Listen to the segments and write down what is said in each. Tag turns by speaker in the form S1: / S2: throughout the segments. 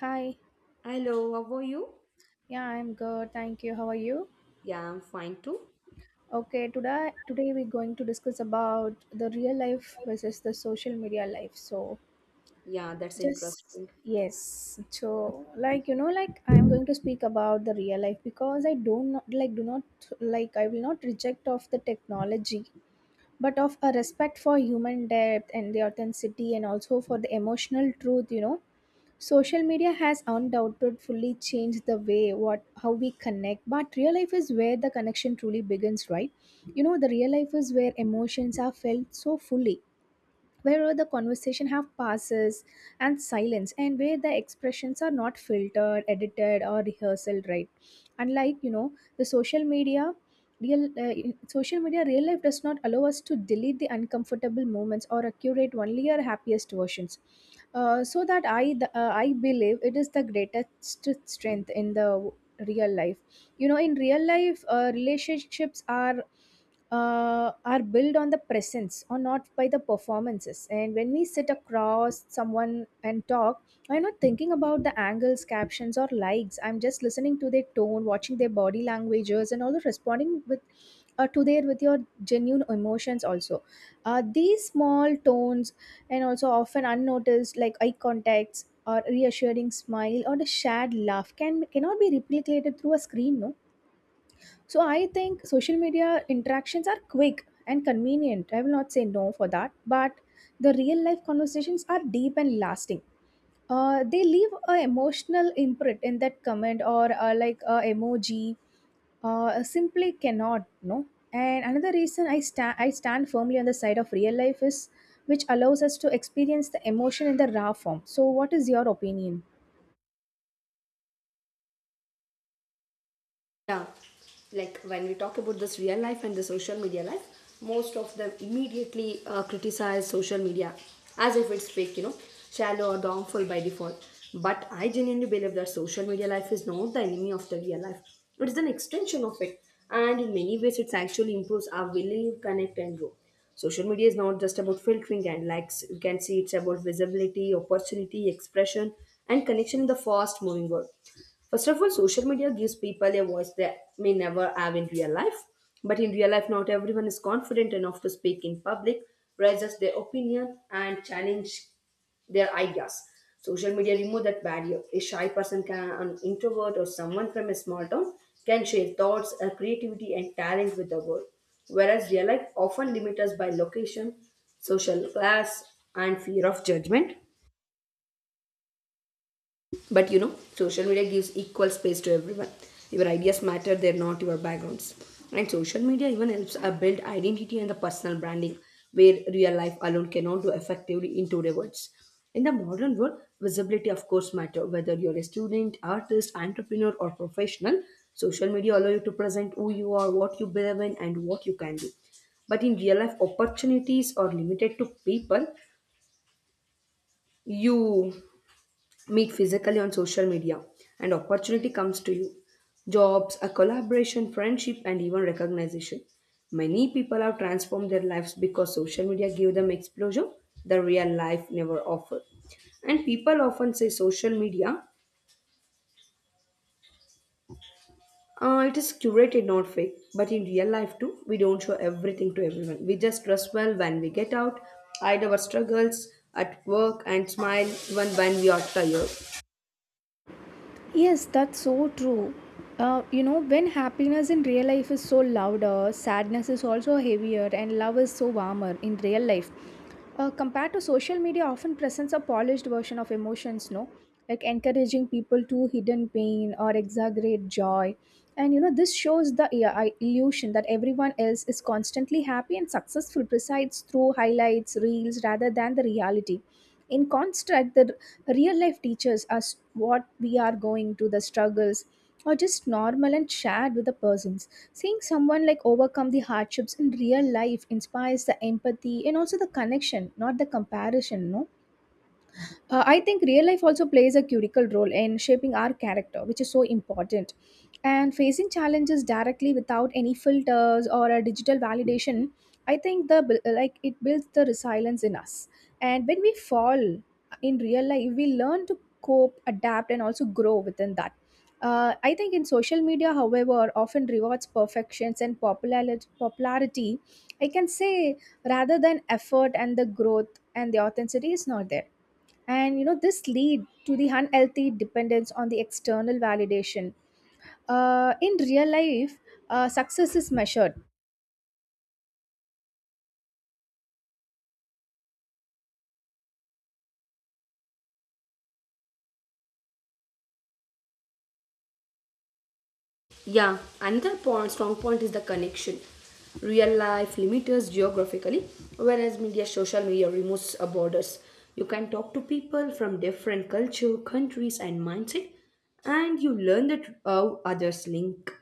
S1: Hi.
S2: Hello, how are you?
S1: Yeah, I'm good. Thank you. How are you?
S2: Yeah, I'm fine too.
S1: Okay, today we're going to discuss about the real life versus the social media life. So,
S2: Yeah, that's
S1: just
S2: interesting.
S1: yes. So, like I'm going to speak about the real life because I don't know- like do not like I will not reject of the technology, but of a respect for human depth and the authenticity and also for the emotional truth. Social media has undoubtedly changed the way what how we connect, but real life is where the connection truly begins, right? You know, the real life is where emotions are felt so fully, where the conversation have pauses and silence, and where the expressions are not filtered, edited, or rehearsal, right? Unlike the social media, social media real life does not allow us to delete the uncomfortable moments or curate only our happiest versions. I believe it is the greatest strength in real life. You know, in real life, relationships are built on the presence or not by the performances. And when we sit across someone and talk, I'm not thinking about the angles, captions, or likes. I'm just listening to their tone, watching their body languages, and also responding with. To their with your genuine emotions also, these small tones and also often unnoticed like eye contacts or reassuring smile or the shared laugh cannot be replicated through a screen, no? So I think social media interactions are quick and convenient. I will not say no for that, but the real life conversations are deep and lasting. They leave a emotional imprint in that comment or like a emoji. Simply cannot no. And another reason I stand firmly on the side of real life is which allows us to experience the emotion in the raw form. So what is your opinion?
S2: Yeah, like when we talk about this real life and the social media life, most of them immediately criticize social media as if it's fake, shallow or harmful by default. But I genuinely believe that social media life is not the enemy of the real life, it is an extension of it. And in many ways, it actually improves our willing to connect and grow. Social media is not just about filtering and likes. You can see it's about visibility, opportunity, expression, and connection in the fast moving world. First of all, social media gives people a voice they may never have in real life. But in real life, not everyone is confident enough to speak in public, raises their opinion, and challenge their ideas. Social media remove that barrier. A shy person can, an introvert or someone from a small town can share thoughts, creativity, and talent with the world. Whereas real life often limits us by location, social class, and fear of judgment. But social media gives equal space to everyone. Your ideas matter, they're not your backgrounds. And social media even helps build identity and the personal branding where real life alone cannot do effectively in today's words. In the modern world, visibility of course matter whether you're a student, artist, entrepreneur or professional. Social media allow you to present who you are, what you believe in and what you can do. But in real life, opportunities are limited to people you meet physically on social media, and opportunity comes to you, jobs, a collaboration, friendship, and even recognition. Many people have transformed their lives because social media gave them exposure the real life never offered. And people often say social media, it is curated, not fake. But in real life too, we don't show everything to everyone. We just dress well when we get out, hide our struggles at work, and smile even when we are tired.
S1: Yes, that's so true. You know, when happiness in real life is so louder, sadness is also heavier, and love is so warmer in real life. Compared to social media, often presents a polished version of emotions, no? Like encouraging people to hidden pain or exaggerate joy. And you know, this shows the illusion that everyone else is constantly happy and successful, presides through highlights, reels, rather than the reality. In contrast, the real life teachers us what we are going to the struggles or just normal and shared with the persons seeing someone like overcome the hardships in real life inspires the empathy and also the connection, not the comparison, no? I think real life also plays a critical role in shaping our character, which is so important, and facing challenges directly without any filters or a digital validation. I think the bu- like it builds the resilience in us, and when we fall in real life we learn to cope, adapt, and also grow within that. I think in social media however often rewards perfections and popularity, I can say, rather than effort and the growth, and the authenticity is not there. And you know, this lead to the unhealthy dependence on the external validation. In real life, success is measured.
S2: Yeah, another point, strong point is the connection. Real life limits us geographically, whereas media, social media removes borders. You can talk to people from different culture, countries, and mindset, and you learn that how others link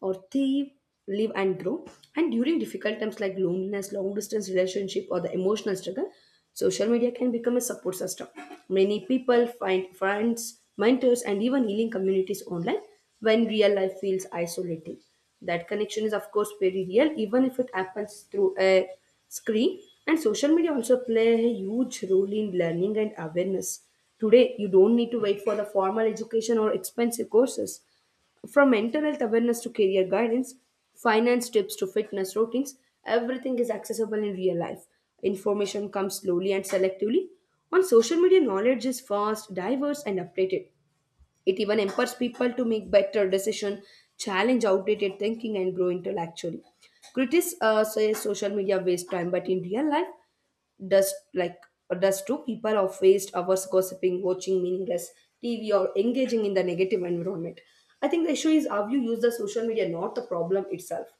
S2: or thrive, live and grow. And during difficult times like loneliness, long distance relationship, or the emotional struggle, social media can become a support system. Many people find friends, mentors, and even healing communities online when real life feels isolating. That connection is, of course, very real, even if it happens through a screen. And social media also play a huge role in learning and awareness. Today, you don't need to wait for the formal education or expensive courses. From mental health awareness to career guidance, finance tips to fitness routines, everything is accessible in real life. Information comes slowly and selectively. On social media, knowledge is fast, diverse, and updated. It even empowers people to make better decisions, challenge outdated thinking, and grow intellectually. Critics say social media wastes time, but in real life, does like does two people of waste hours gossiping, watching meaningless TV, or engaging in the negative environment? I think the issue is how you use the social media, not the problem itself.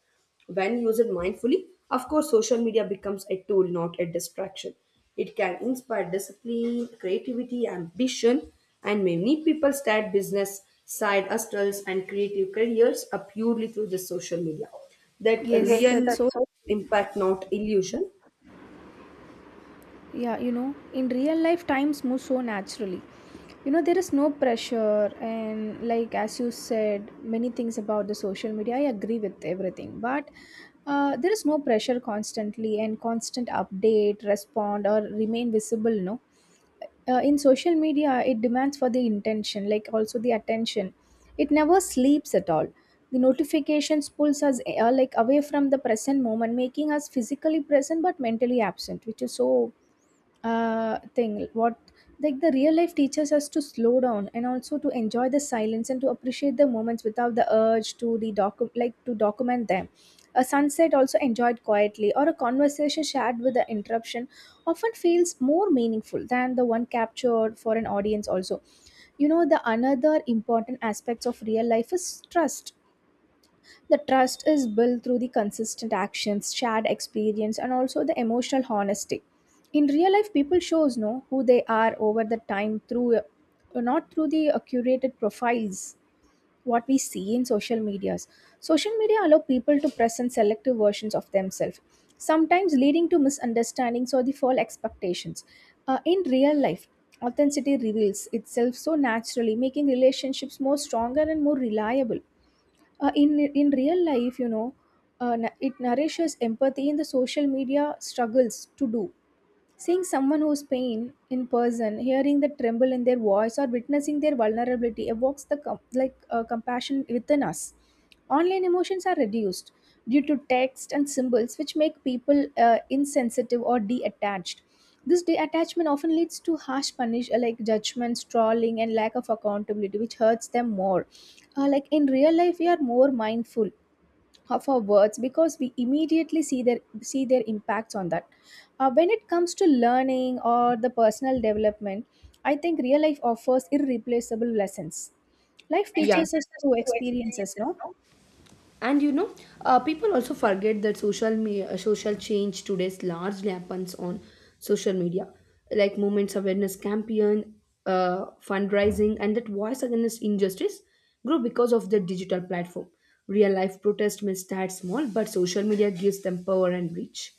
S2: When used mindfully, of course, social media becomes a tool, not a distraction. It can inspire discipline, creativity, ambition, and many people start business, side hustles, and creative careers are purely through the social media. That, yes,
S1: Yes,
S2: real,
S1: that's so,
S2: that's right, impact, not illusion.
S1: yeah. You know, in real life times move so naturally. You know, there is no pressure and like as you said many things about the social media I agree with everything, but there is no pressure constantly and constant update, respond or remain visible, no? In social media it demands for the intention like also the attention. It never sleeps at all. The notifications pulls us like away from the present moment, making us physically present but mentally absent, which is so thing what, like the real life teaches us to slow down and also to enjoy the silence and to appreciate the moments without the urge to the docu- like to document them. A sunset also enjoyed quietly or a conversation shared with the interruption often feels more meaningful than the one captured for an audience also. You know, the another important aspects of real life is trust. The trust is built through the consistent actions, shared experience, and also the emotional honesty. In real life people shows know who they are over the time through not through the curated profiles what we see in social medias. Social media allow people to present selective versions of themselves, sometimes leading to misunderstandings or the false expectations. In real life, authenticity reveals itself so naturally, making relationships more stronger and more reliable. In real life, you know, it nourishes empathy in the social media struggles to do. Seeing someone whose pain in person, hearing the tremble in their voice, or witnessing their vulnerability evokes the com- like compassion within us. Online emotions are reduced due to text and symbols, which make people insensitive or detached. This detachment often leads to harsh punish like judgments, trolling, and lack of accountability, which hurts them more. Like in real life, we are more mindful of our words because we immediately see their impacts on that. When it comes to learning or the personal development, I think real life offers irreplaceable lessons. Life
S2: Yeah,
S1: teaches us through experiences, no?
S2: and people also forget that social change today largely happens on social media, like movements, awareness campaign, fundraising, and that voice against injustice grow because of the digital platform. Real life protest may start small, but social media gives them power and reach.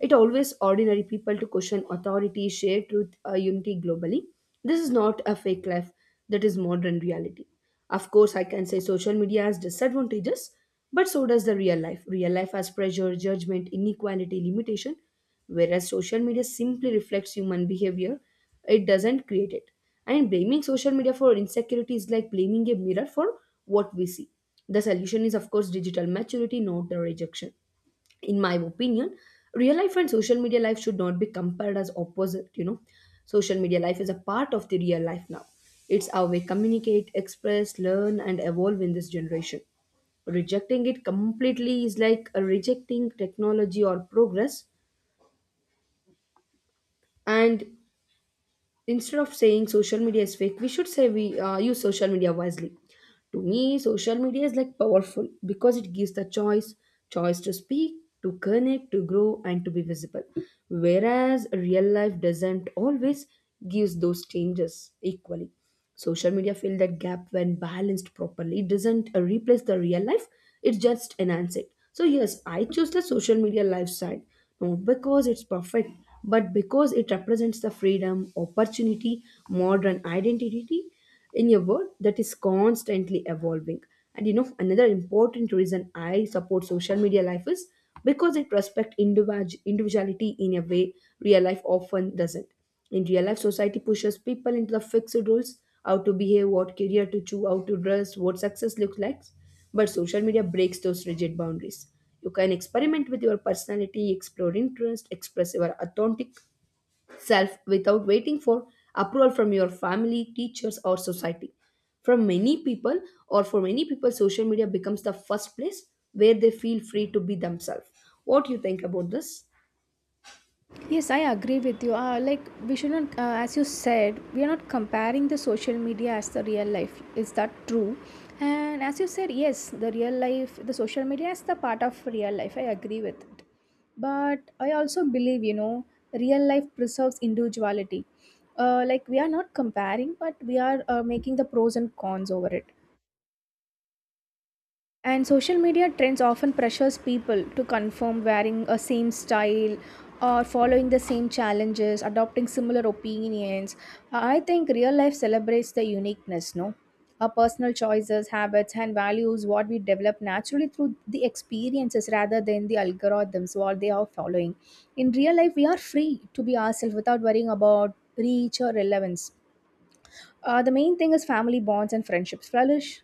S2: It always ordinary people to question authority, share truth, unity globally. This is not a fake life, that is modern reality. Of course, I can say social media has disadvantages, but so does the real life. Real life has pressure, judgment, inequality, limitation, whereas social media simply reflects human behavior, it doesn't create it. And blaming social media for insecurity is like blaming a mirror for what we see. The solution is, of course, digital maturity, not the rejection. In my opinion, real life and social media life should not be compared as opposite. You know, social media life is a part of the real life now. It's how we communicate, express, learn, and evolve in this generation. Rejecting it completely is like a rejecting technology or progress. And instead of saying social media is fake, we should say we use social media wisely. To me, social media is like powerful because it gives the choice to speak, to connect, to grow, and to be visible, whereas real life doesn't always gives those changes equally. Social media fill that gap when balanced properly. It doesn't replace the real life, it just enhance it. So yes, I choose the social media lifestyle not because it's perfect, but because it represents the freedom, opportunity, modern identity in a world that is constantly evolving. And another important reason I support social media life is because it respects individuality in a way real life often doesn't. In real life, society pushes people into the fixed roles how to behave, what career to choose, how to dress, what success looks like. But social media breaks those rigid boundaries. You can experiment with your personality, explore interest, express your authentic self without waiting for approval from your family, teachers, or society. From many people, or for many people, social media becomes the first place where they feel free to be themselves. What do you think about this?
S1: Yes, I agree with you. Like we should not, as you said, we are not comparing the social media as the real life. Is that true? And as you said, yes, the real life, the social media is the part of real life. I agree with it. But I also believe, you know, real life preserves individuality. Like we are not comparing, but we are making the pros and cons over it. And social media trends often pressures people to conform, wearing a same style or following the same challenges, adopting similar opinions. I think real life celebrates the uniqueness, no? Our personal choices, habits, and values, what we develop naturally through the experiences rather than the algorithms, what they are following. In real life, we are free to be ourselves without worrying about reach or relevance. The main thing is family bonds and friendships flourish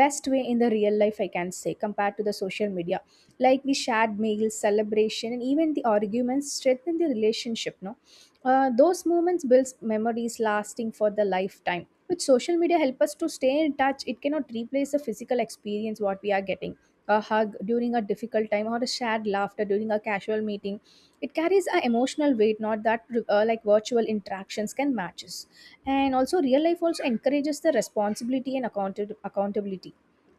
S1: best way in the real life, I can say, compared to the social media. Like we shared meals, celebration, and even the arguments strengthen the relationship, no? Those moments builds memories lasting for the lifetime. With social media help us to stay in touch, it cannot replace the physical experience what we are getting. A hug during a difficult time or a shared laughter during a casual meeting, it carries an emotional weight not that like virtual interactions can matches. And also real life also encourages the responsibility and accountability.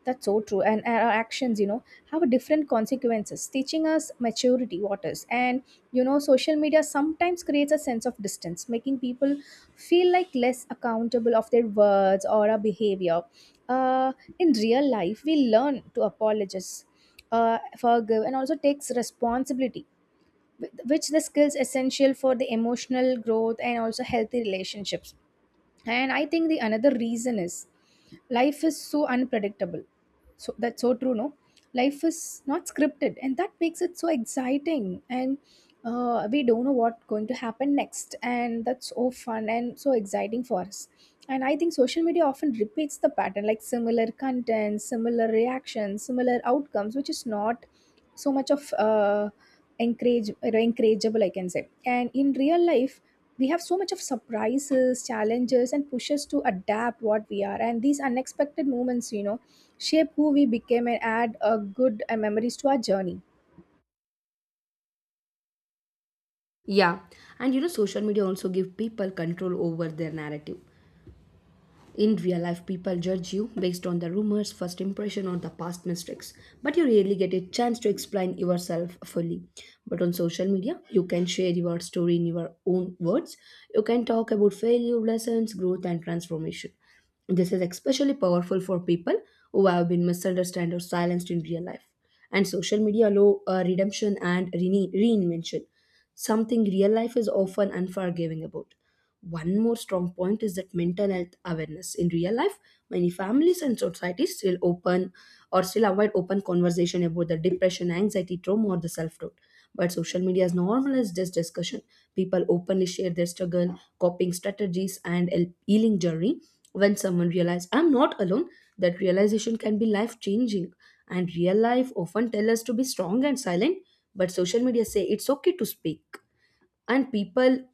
S1: That's so true. And our actions, you know, have different consequences, teaching us maturity what is. And you know, social media sometimes creates a sense of distance, making people feel like less accountable of their words or our behavior. uh, in real life we learn to apologize, forgive, and also takes responsibility, which the skills essential for the emotional growth and also healthy relationships. And I think the another reason is life is so unpredictable. So that's so true, no? Life is not scripted and that makes it so exciting, and we don't know what's going to happen next and that's so fun and so exciting for us. And I think social media often repeats the pattern, like similar content, similar reactions, similar outcomes, which is not so much of encourage or encourageable, I can say. And in real life we have so much of surprises, challenges, and pushes to adapt what we are, and these unexpected moments, you know, shape who we became and add a good memories to our journey.
S2: Yeah, and social media also give people control over their narrative. In real life, people judge you based on the rumors, first impression, or the past mistakes, but you rarely get a chance to explain yourself fully. But on social media, you can share your story in your own words. You can talk about failure, lessons, growth, and transformation. This is especially powerful for people who have been misunderstood or silenced in real life. And social media allow redemption and reinvention, something real life is often unforgiving about. One more strong point is that mental health awareness. In real life, many families and societies still open or still avoid open conversation about the depression, anxiety, trauma, or the self-doubt. But social media has normalized this discussion. People openly share their struggle, coping strategies, and healing journey. When someone realizes I'm not alone, that realization can be life-changing. And real life often tell us to be strong and silent, but social media say it's okay to speak. And people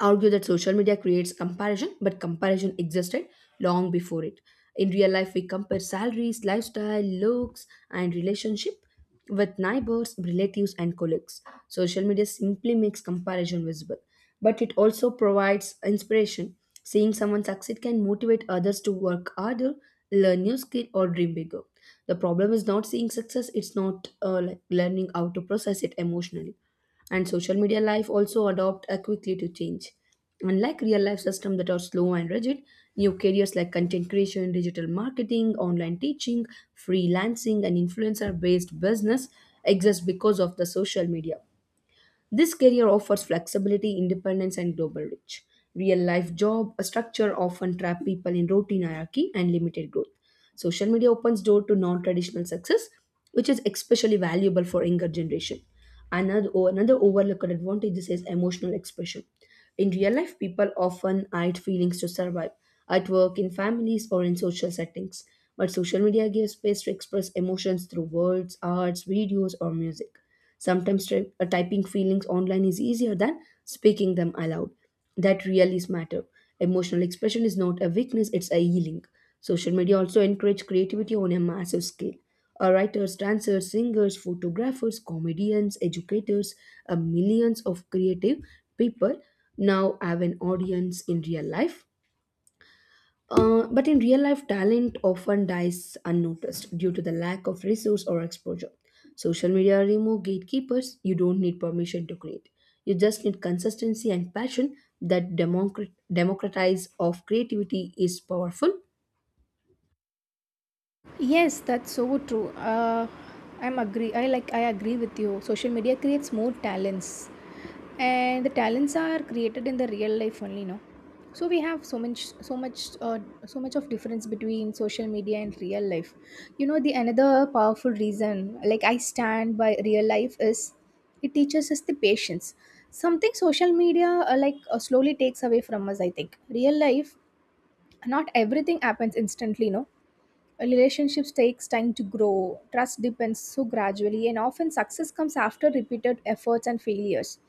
S2: argue that social media creates comparison, but comparison existed long before it. In real life, we compare salaries, lifestyle, looks, and relationship with neighbors, relatives, and colleagues. Social media simply makes comparison visible, but it also provides inspiration. Seeing someone succeed can motivate others to work harder, learn new skill, or dream bigger. The problem is not seeing success; it's not like learning how to process it emotionally. And social media life also adopt quickly to change, unlike real life systems that are slow and rigid. New careers like content creation, digital marketing, online teaching, freelancing, and influencer based business exist because of the social media. This career offers flexibility, independence, and global reach. Real life job a structure often trap people in routine, hierarchy, and limited growth. Social media opens door to non-traditional success, which is especially valuable for younger generation. Another overlooked advantage is emotional expression. In real life, people often hide feelings to survive at work, in families, or in social settings. But social media gives space to express emotions through words, arts, videos, or music. Sometimes typing feelings online is easier than speaking them aloud. That really matters. Emotional expression is not a weakness, it's a healing. Social media also encourage creativity on a massive scale. Writers, dancers, singers, photographers, comedians, educators, millions of creative people now have an audience in real life, but in real life, talent often dies unnoticed due to the lack of resource or exposure. Social media remove gatekeepers. You don't need permission to create. You just need consistency and passion. That democratize of creativity is powerful.
S1: Yes, that's so true. I'm agree. I like. I agree with you. Social media creates more talents, and the talents are created in the real life only. No, so we have so much, so much, so much of difference between social media and real life. You know, the another powerful reason, like I stand by real life, is it teaches us the patience. Something social media slowly takes away from us. I think real life, not everything happens instantly. No. Relationships takes time to grow. Trust depends so gradually and often success comes after repeated efforts and failures.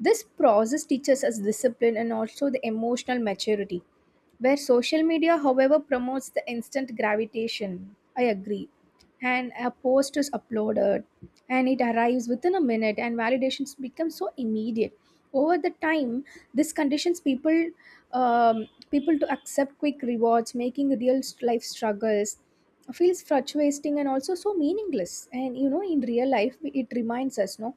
S1: This process teaches us discipline and also the emotional maturity. Where social media, however, promotes the instant gravitation. I agree. And a post is uploaded and it arrives within a minute, and validations become so immediate. Over the time, this conditions people to accept quick rewards, making real life struggles feels frustrating and also so meaningless. And you know, in real life, it reminds us, no,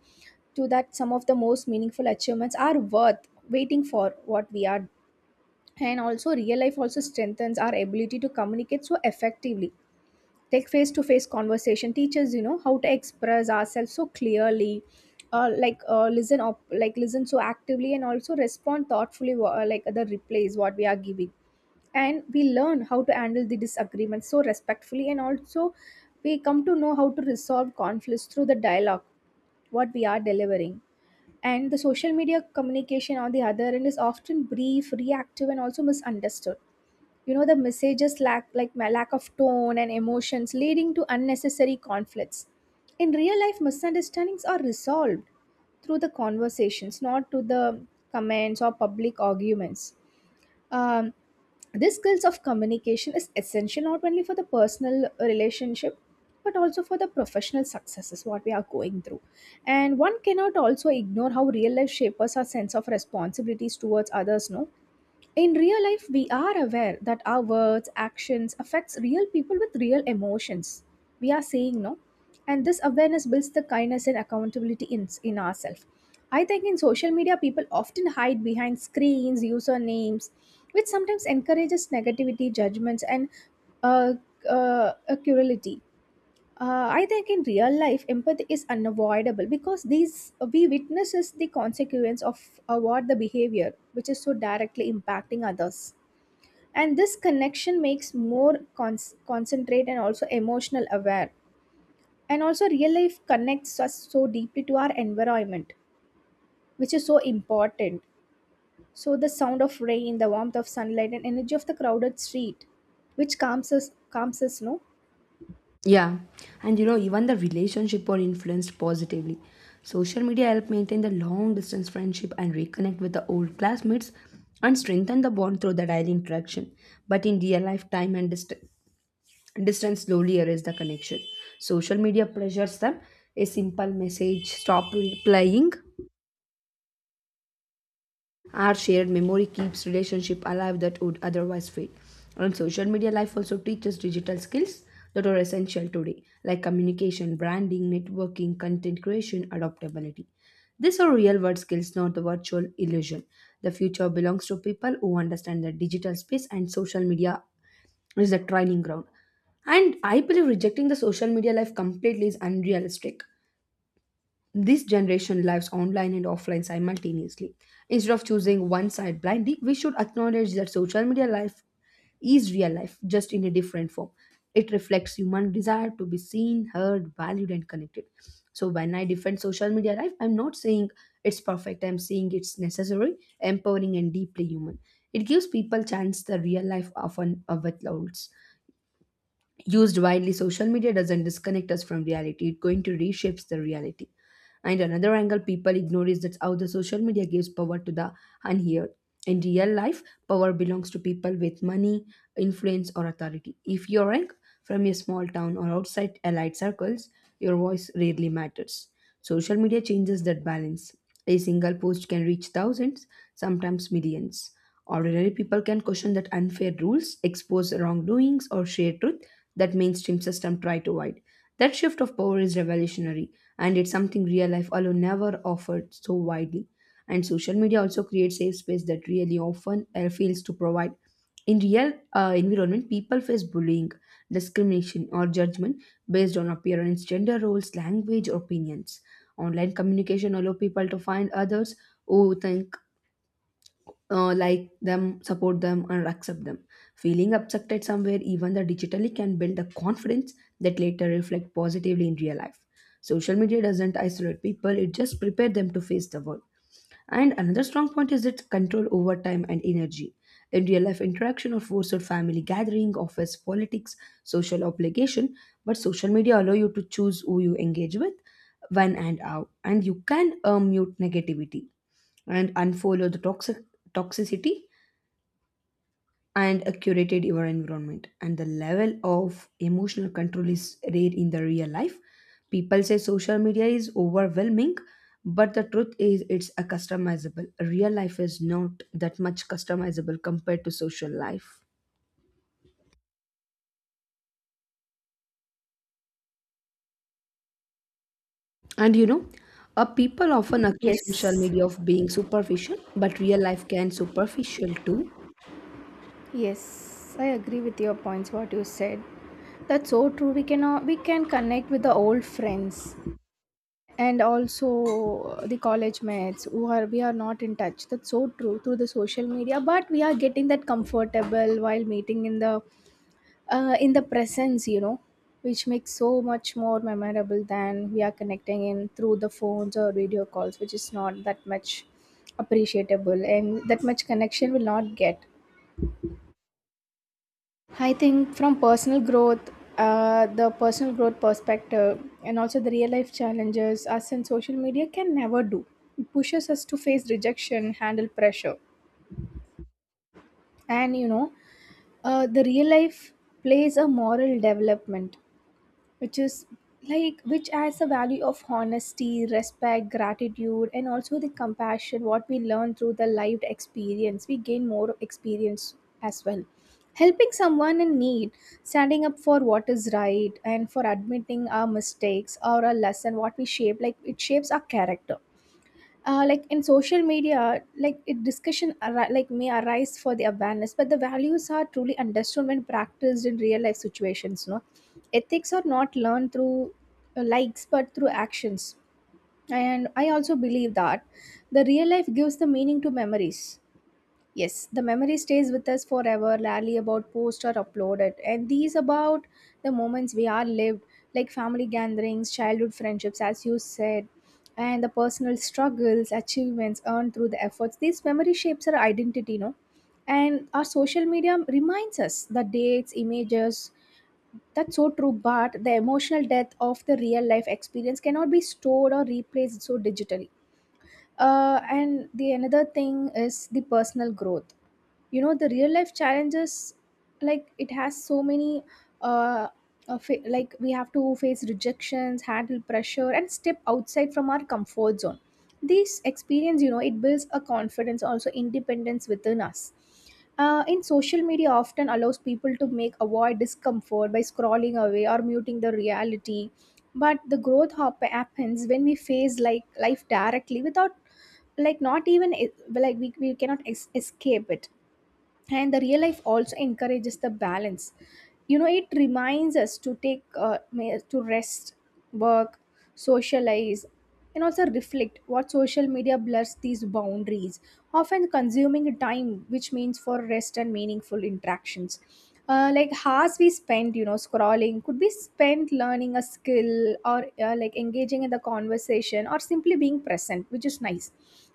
S1: to that some of the most meaningful achievements are worth waiting for what we are, and also real life also strengthens our ability to communicate so effectively. Take face to face conversation teaches you know how to express ourselves so clearly, listen up, like listen so actively and also respond thoughtfully, like the replies what we are giving, and we learn how to handle the disagreements so respectfully, and also we come to know how to resolve conflicts through the dialogue what we are delivering. And the social media communication, on the other end, is often brief, reactive, and also misunderstood. You know the messages lack, like my lack of tone and emotions, leading to unnecessary conflicts. In real life misunderstandings are resolved through the conversations, not to the comments or public arguments. um, this skills of communication is essential not only for the personal relationship but also for the professional successes what we are going through, and one cannot also ignore how real life shapers our sense of responsibilities towards others, no. In real life, we are aware that our words, actions affects real people with real emotions. We are saying, no, and this awareness builds the kindness and accountability in ourselves. I think in social media, people often hide behind screens, usernames, which sometimes encourages negativity, judgments, and uh, uh, cruelty. I think in real life, empathy is unavoidable because these we witnesses the consequence of what the behavior, which is so directly impacting others, and this connection makes more concentrate and also emotional aware, and also real life connects us so deeply to our environment, which is so important. So the sound of rain, the warmth of sunlight, and energy of the crowded street, which calms us, no.
S2: Yeah, and even the relationship are influenced positively. Social media help maintain the long distance friendship and reconnect with the old classmates and strengthen the bond through the daily interaction. But in real life, time and distance slowly erases the connection. Social media pressures them. A simple message, stop replying, our shared memory keeps relationship alive that would otherwise fade. And social media life also teaches digital skills that are essential today, like communication, branding, networking, content creation, adaptability. These are real world skills, not the virtual illusion. The future belongs to people who understand the digital space and social media is the training ground. And I believe rejecting the social media life completely is unrealistic. This generation lives online and offline simultaneously. Instead of choosing one side blindly, we should acknowledge that social media life is real life, just in a different form. It reflects human desire to be seen, heard, valued, and connected. So, when I defend social media life, I'm not saying it's perfect, I'm saying it's necessary, empowering, and deeply human. It gives people chance the real life often with loads used widely. Social media doesn't disconnect us from reality, it going to reshapes the reality. And another angle people ignore is that how the social media gives power to the unheard. In real life, power belongs to people with money, influence, or authority. If you are rank from a small town or outside allied circles, your voice rarely matters. Social media changes that balance. A single post can reach thousands, sometimes millions. Ordinary people can question that unfair rules, expose wrongdoings, or share truth that mainstream system try to avoid. That shift of power is revolutionary, and it's something real life alone never offered so widely. And social media also creates safe space that really often fails to provide. In real environment, people face bullying, discrimination, or judgment based on appearance, gender roles, language, or opinions. Online communication allow people to find others who think like them, support them, and accept them. Feeling accepted somewhere, even the digitally, can build a confidence that later reflect positively in real life. Social media doesn't isolate people; it just prepare them to face the world. And another strong point is its control over time and energy. In real life interaction or forced family gathering, office politics, social obligation, but social media allow you to choose who you engage with, when and how, and you can mute negativity and unfollow the toxicity, and a curated your environment, and the level of emotional control is rare in the real life. People say social media is overwhelming, but the truth is it's a customizable. Real life is not that much customizable compared to social life. And you know, people often accuse social
S1: Yes,
S2: media of being superficial, but real life can superficial too.
S1: yes, I agree with your points. What you said, that's so true. We can connect with the old friends and also the college mates who are we are not in touch, that's so true, through the social media, but we are getting that comfortable while meeting in the presence you know, which makes so much more memorable than we are connecting in through the phones or video calls, which is not that much appreciable and that much connection will not get. I think from personal growth, the personal growth perspective, and also the real life challenges us and social media can never do. It pushes us to face rejection, handle pressure, and you know, the real life plays a moral development which is like, which has the value of honesty, respect, gratitude, and also the compassion what we learn through the lived experience. We gain more experience as well, helping someone in need, standing up for what is right, and for admitting our mistakes or a lesson what we shape, like it shapes our character. Like in social media, like it like may arise for the awareness, but the values are truly understood when practiced in real life situations, no? Ethics are not learned through likes but through actions. And I also believe that the real life gives the meaning to memories. Yes, the memory stays with us forever, rarely about post or uploaded. And these about the moments we are lived, like family gatherings, childhood friendships, as you said, and the personal struggles, achievements earned through the efforts. These memory shapes our identity, no? And our social media reminds us the dates, images. That's so true, but the emotional depth of the real life experience cannot be stored or replaced so digitally. And the another thing is the personal growth, you know, the real life challenges, like it has so many uh, like we have to face rejections, handle pressure, and step outside from our comfort zone. This experience, you know, it builds a confidence also independence within us. In social media often allows people to make avoid discomfort by scrolling away or muting the reality, but the growth happens when we face like life directly without, like not even like we cannot escape it. And the real life also encourages the balance, you know. It reminds us to take to rest, work, socialize, and also reflect, what social media blurs these boundaries, often consuming time which means for rest and meaningful interactions. Like hours we spend, you know, scrolling could be spent learning a skill or like engaging in the conversation or simply being present, which is nice.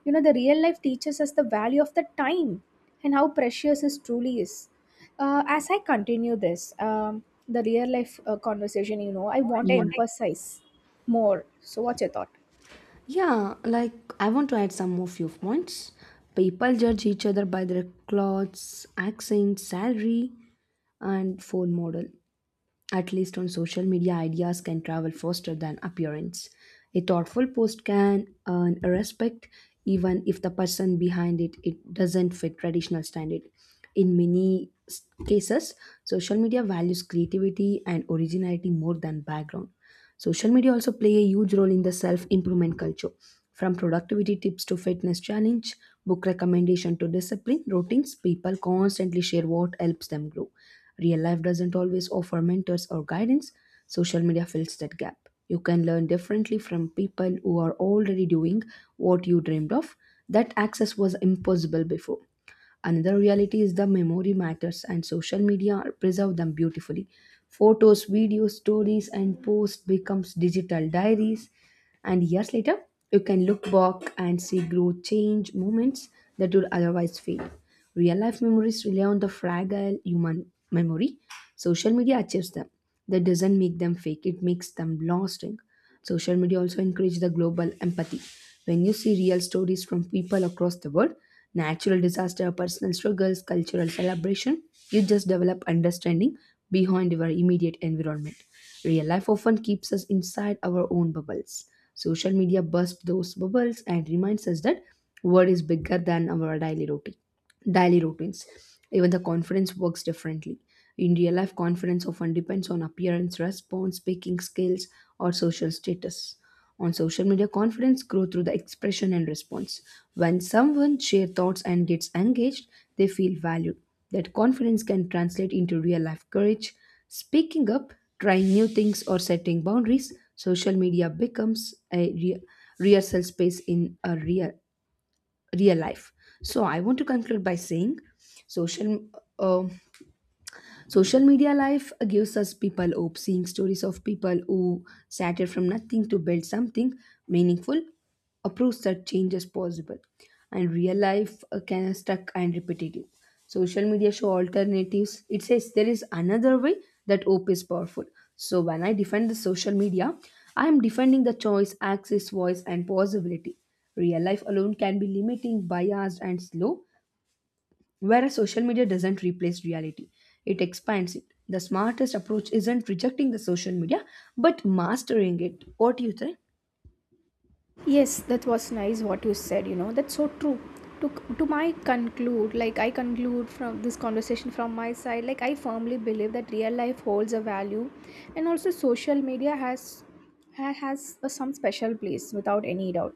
S1: You know the real life teaches us the value of the time and how precious this truly is. As I continue this, the real life conversation, you know, I want to emphasize more. So, what's your thought?
S2: Yeah, like, I want to add some more few points. People judge each other by their clothes, accent, salary, and phone model. At least on social media, ideas can travel faster than appearance. A thoughtful post can earn respect even if the person behind it doesn't fit traditional standard. In cases, social media values creativity and originality more than background. Social media also play a huge role in the self-improvement culture. From productivity tips to fitness challenge, book recommendation to discipline routines, people constantly share what helps them grow. Real life doesn't always offer mentors or guidance. Social media fills that gap. You can learn differently from people who are already doing what you dreamed of. That access was impossible before. Another reality is the memory matters, and social media preserve them beautifully. Photos, videos, stories, and posts becomes digital diaries, and years later, you can look back and see growth, change, moments that would otherwise fade. Real life memories rely on the fragile human memory. Social media achieves them. That doesn't make them fake; it makes them lasting. Social media also encourage the global empathy. When you see real stories from people across the world, natural disaster, personal struggles, cultural celebration, you just develop understanding behind your immediate environment. Real life often keeps us inside our own bubbles. Social media bursts those bubbles and reminds us that world is bigger than our daily routines. Even the conference works differently. In real life, confidence often depends on appearance, response, speaking skills, or social status. On social media, confidence grows through the expression and response. When someone shares thoughts and gets engaged, they feel valued. That confidence can translate into real life courage, speaking up, trying new things, or setting boundaries. Social media becomes a real, rehearsal space in a real real life. So I want to conclude by saying, social. um social media life gives us people hope. Seeing stories of people who started from nothing to build something meaningful proves that change is possible. And real life can be stuck and repetitive. Social media show alternatives. It says there is another way, that hope is powerful. So when I defend the social media, I am defending the choice, access, voice, and possibility. Real life alone can be limiting, biased, and slow. Whereas social media doesn't replace reality, it expands it. The smartest approach isn't rejecting the social media, but mastering it. What do you think?
S1: Yes, that was nice what you said, you know. That's so true. To, to my conclude, like I conclude from this conversation from my side, like I firmly believe that real life holds a value, and also social media has a, some special place without any doubt.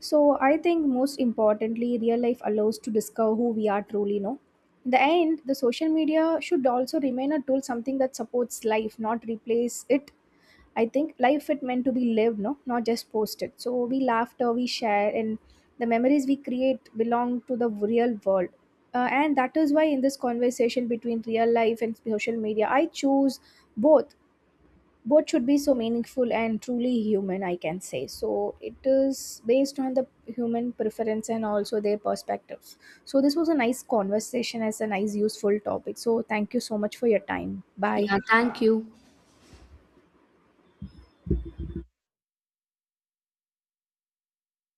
S1: So I think most importantly, real life allows to discover who we are truly, no? In the end, the social media should also remain a tool, something that supports life, not replace it. I think life it meant to be lived, no, not just posted. So we laughter, we share, and the memories we create belong to the real world. And that is why in this conversation between real life and social media, I choose both. Both should be so meaningful and truly human, I can say. So it is based on the human preference and also their perspectives. So this was a nice conversation as a nice useful topic. So thank you so much for your time. Bye.
S2: Yeah, thank you.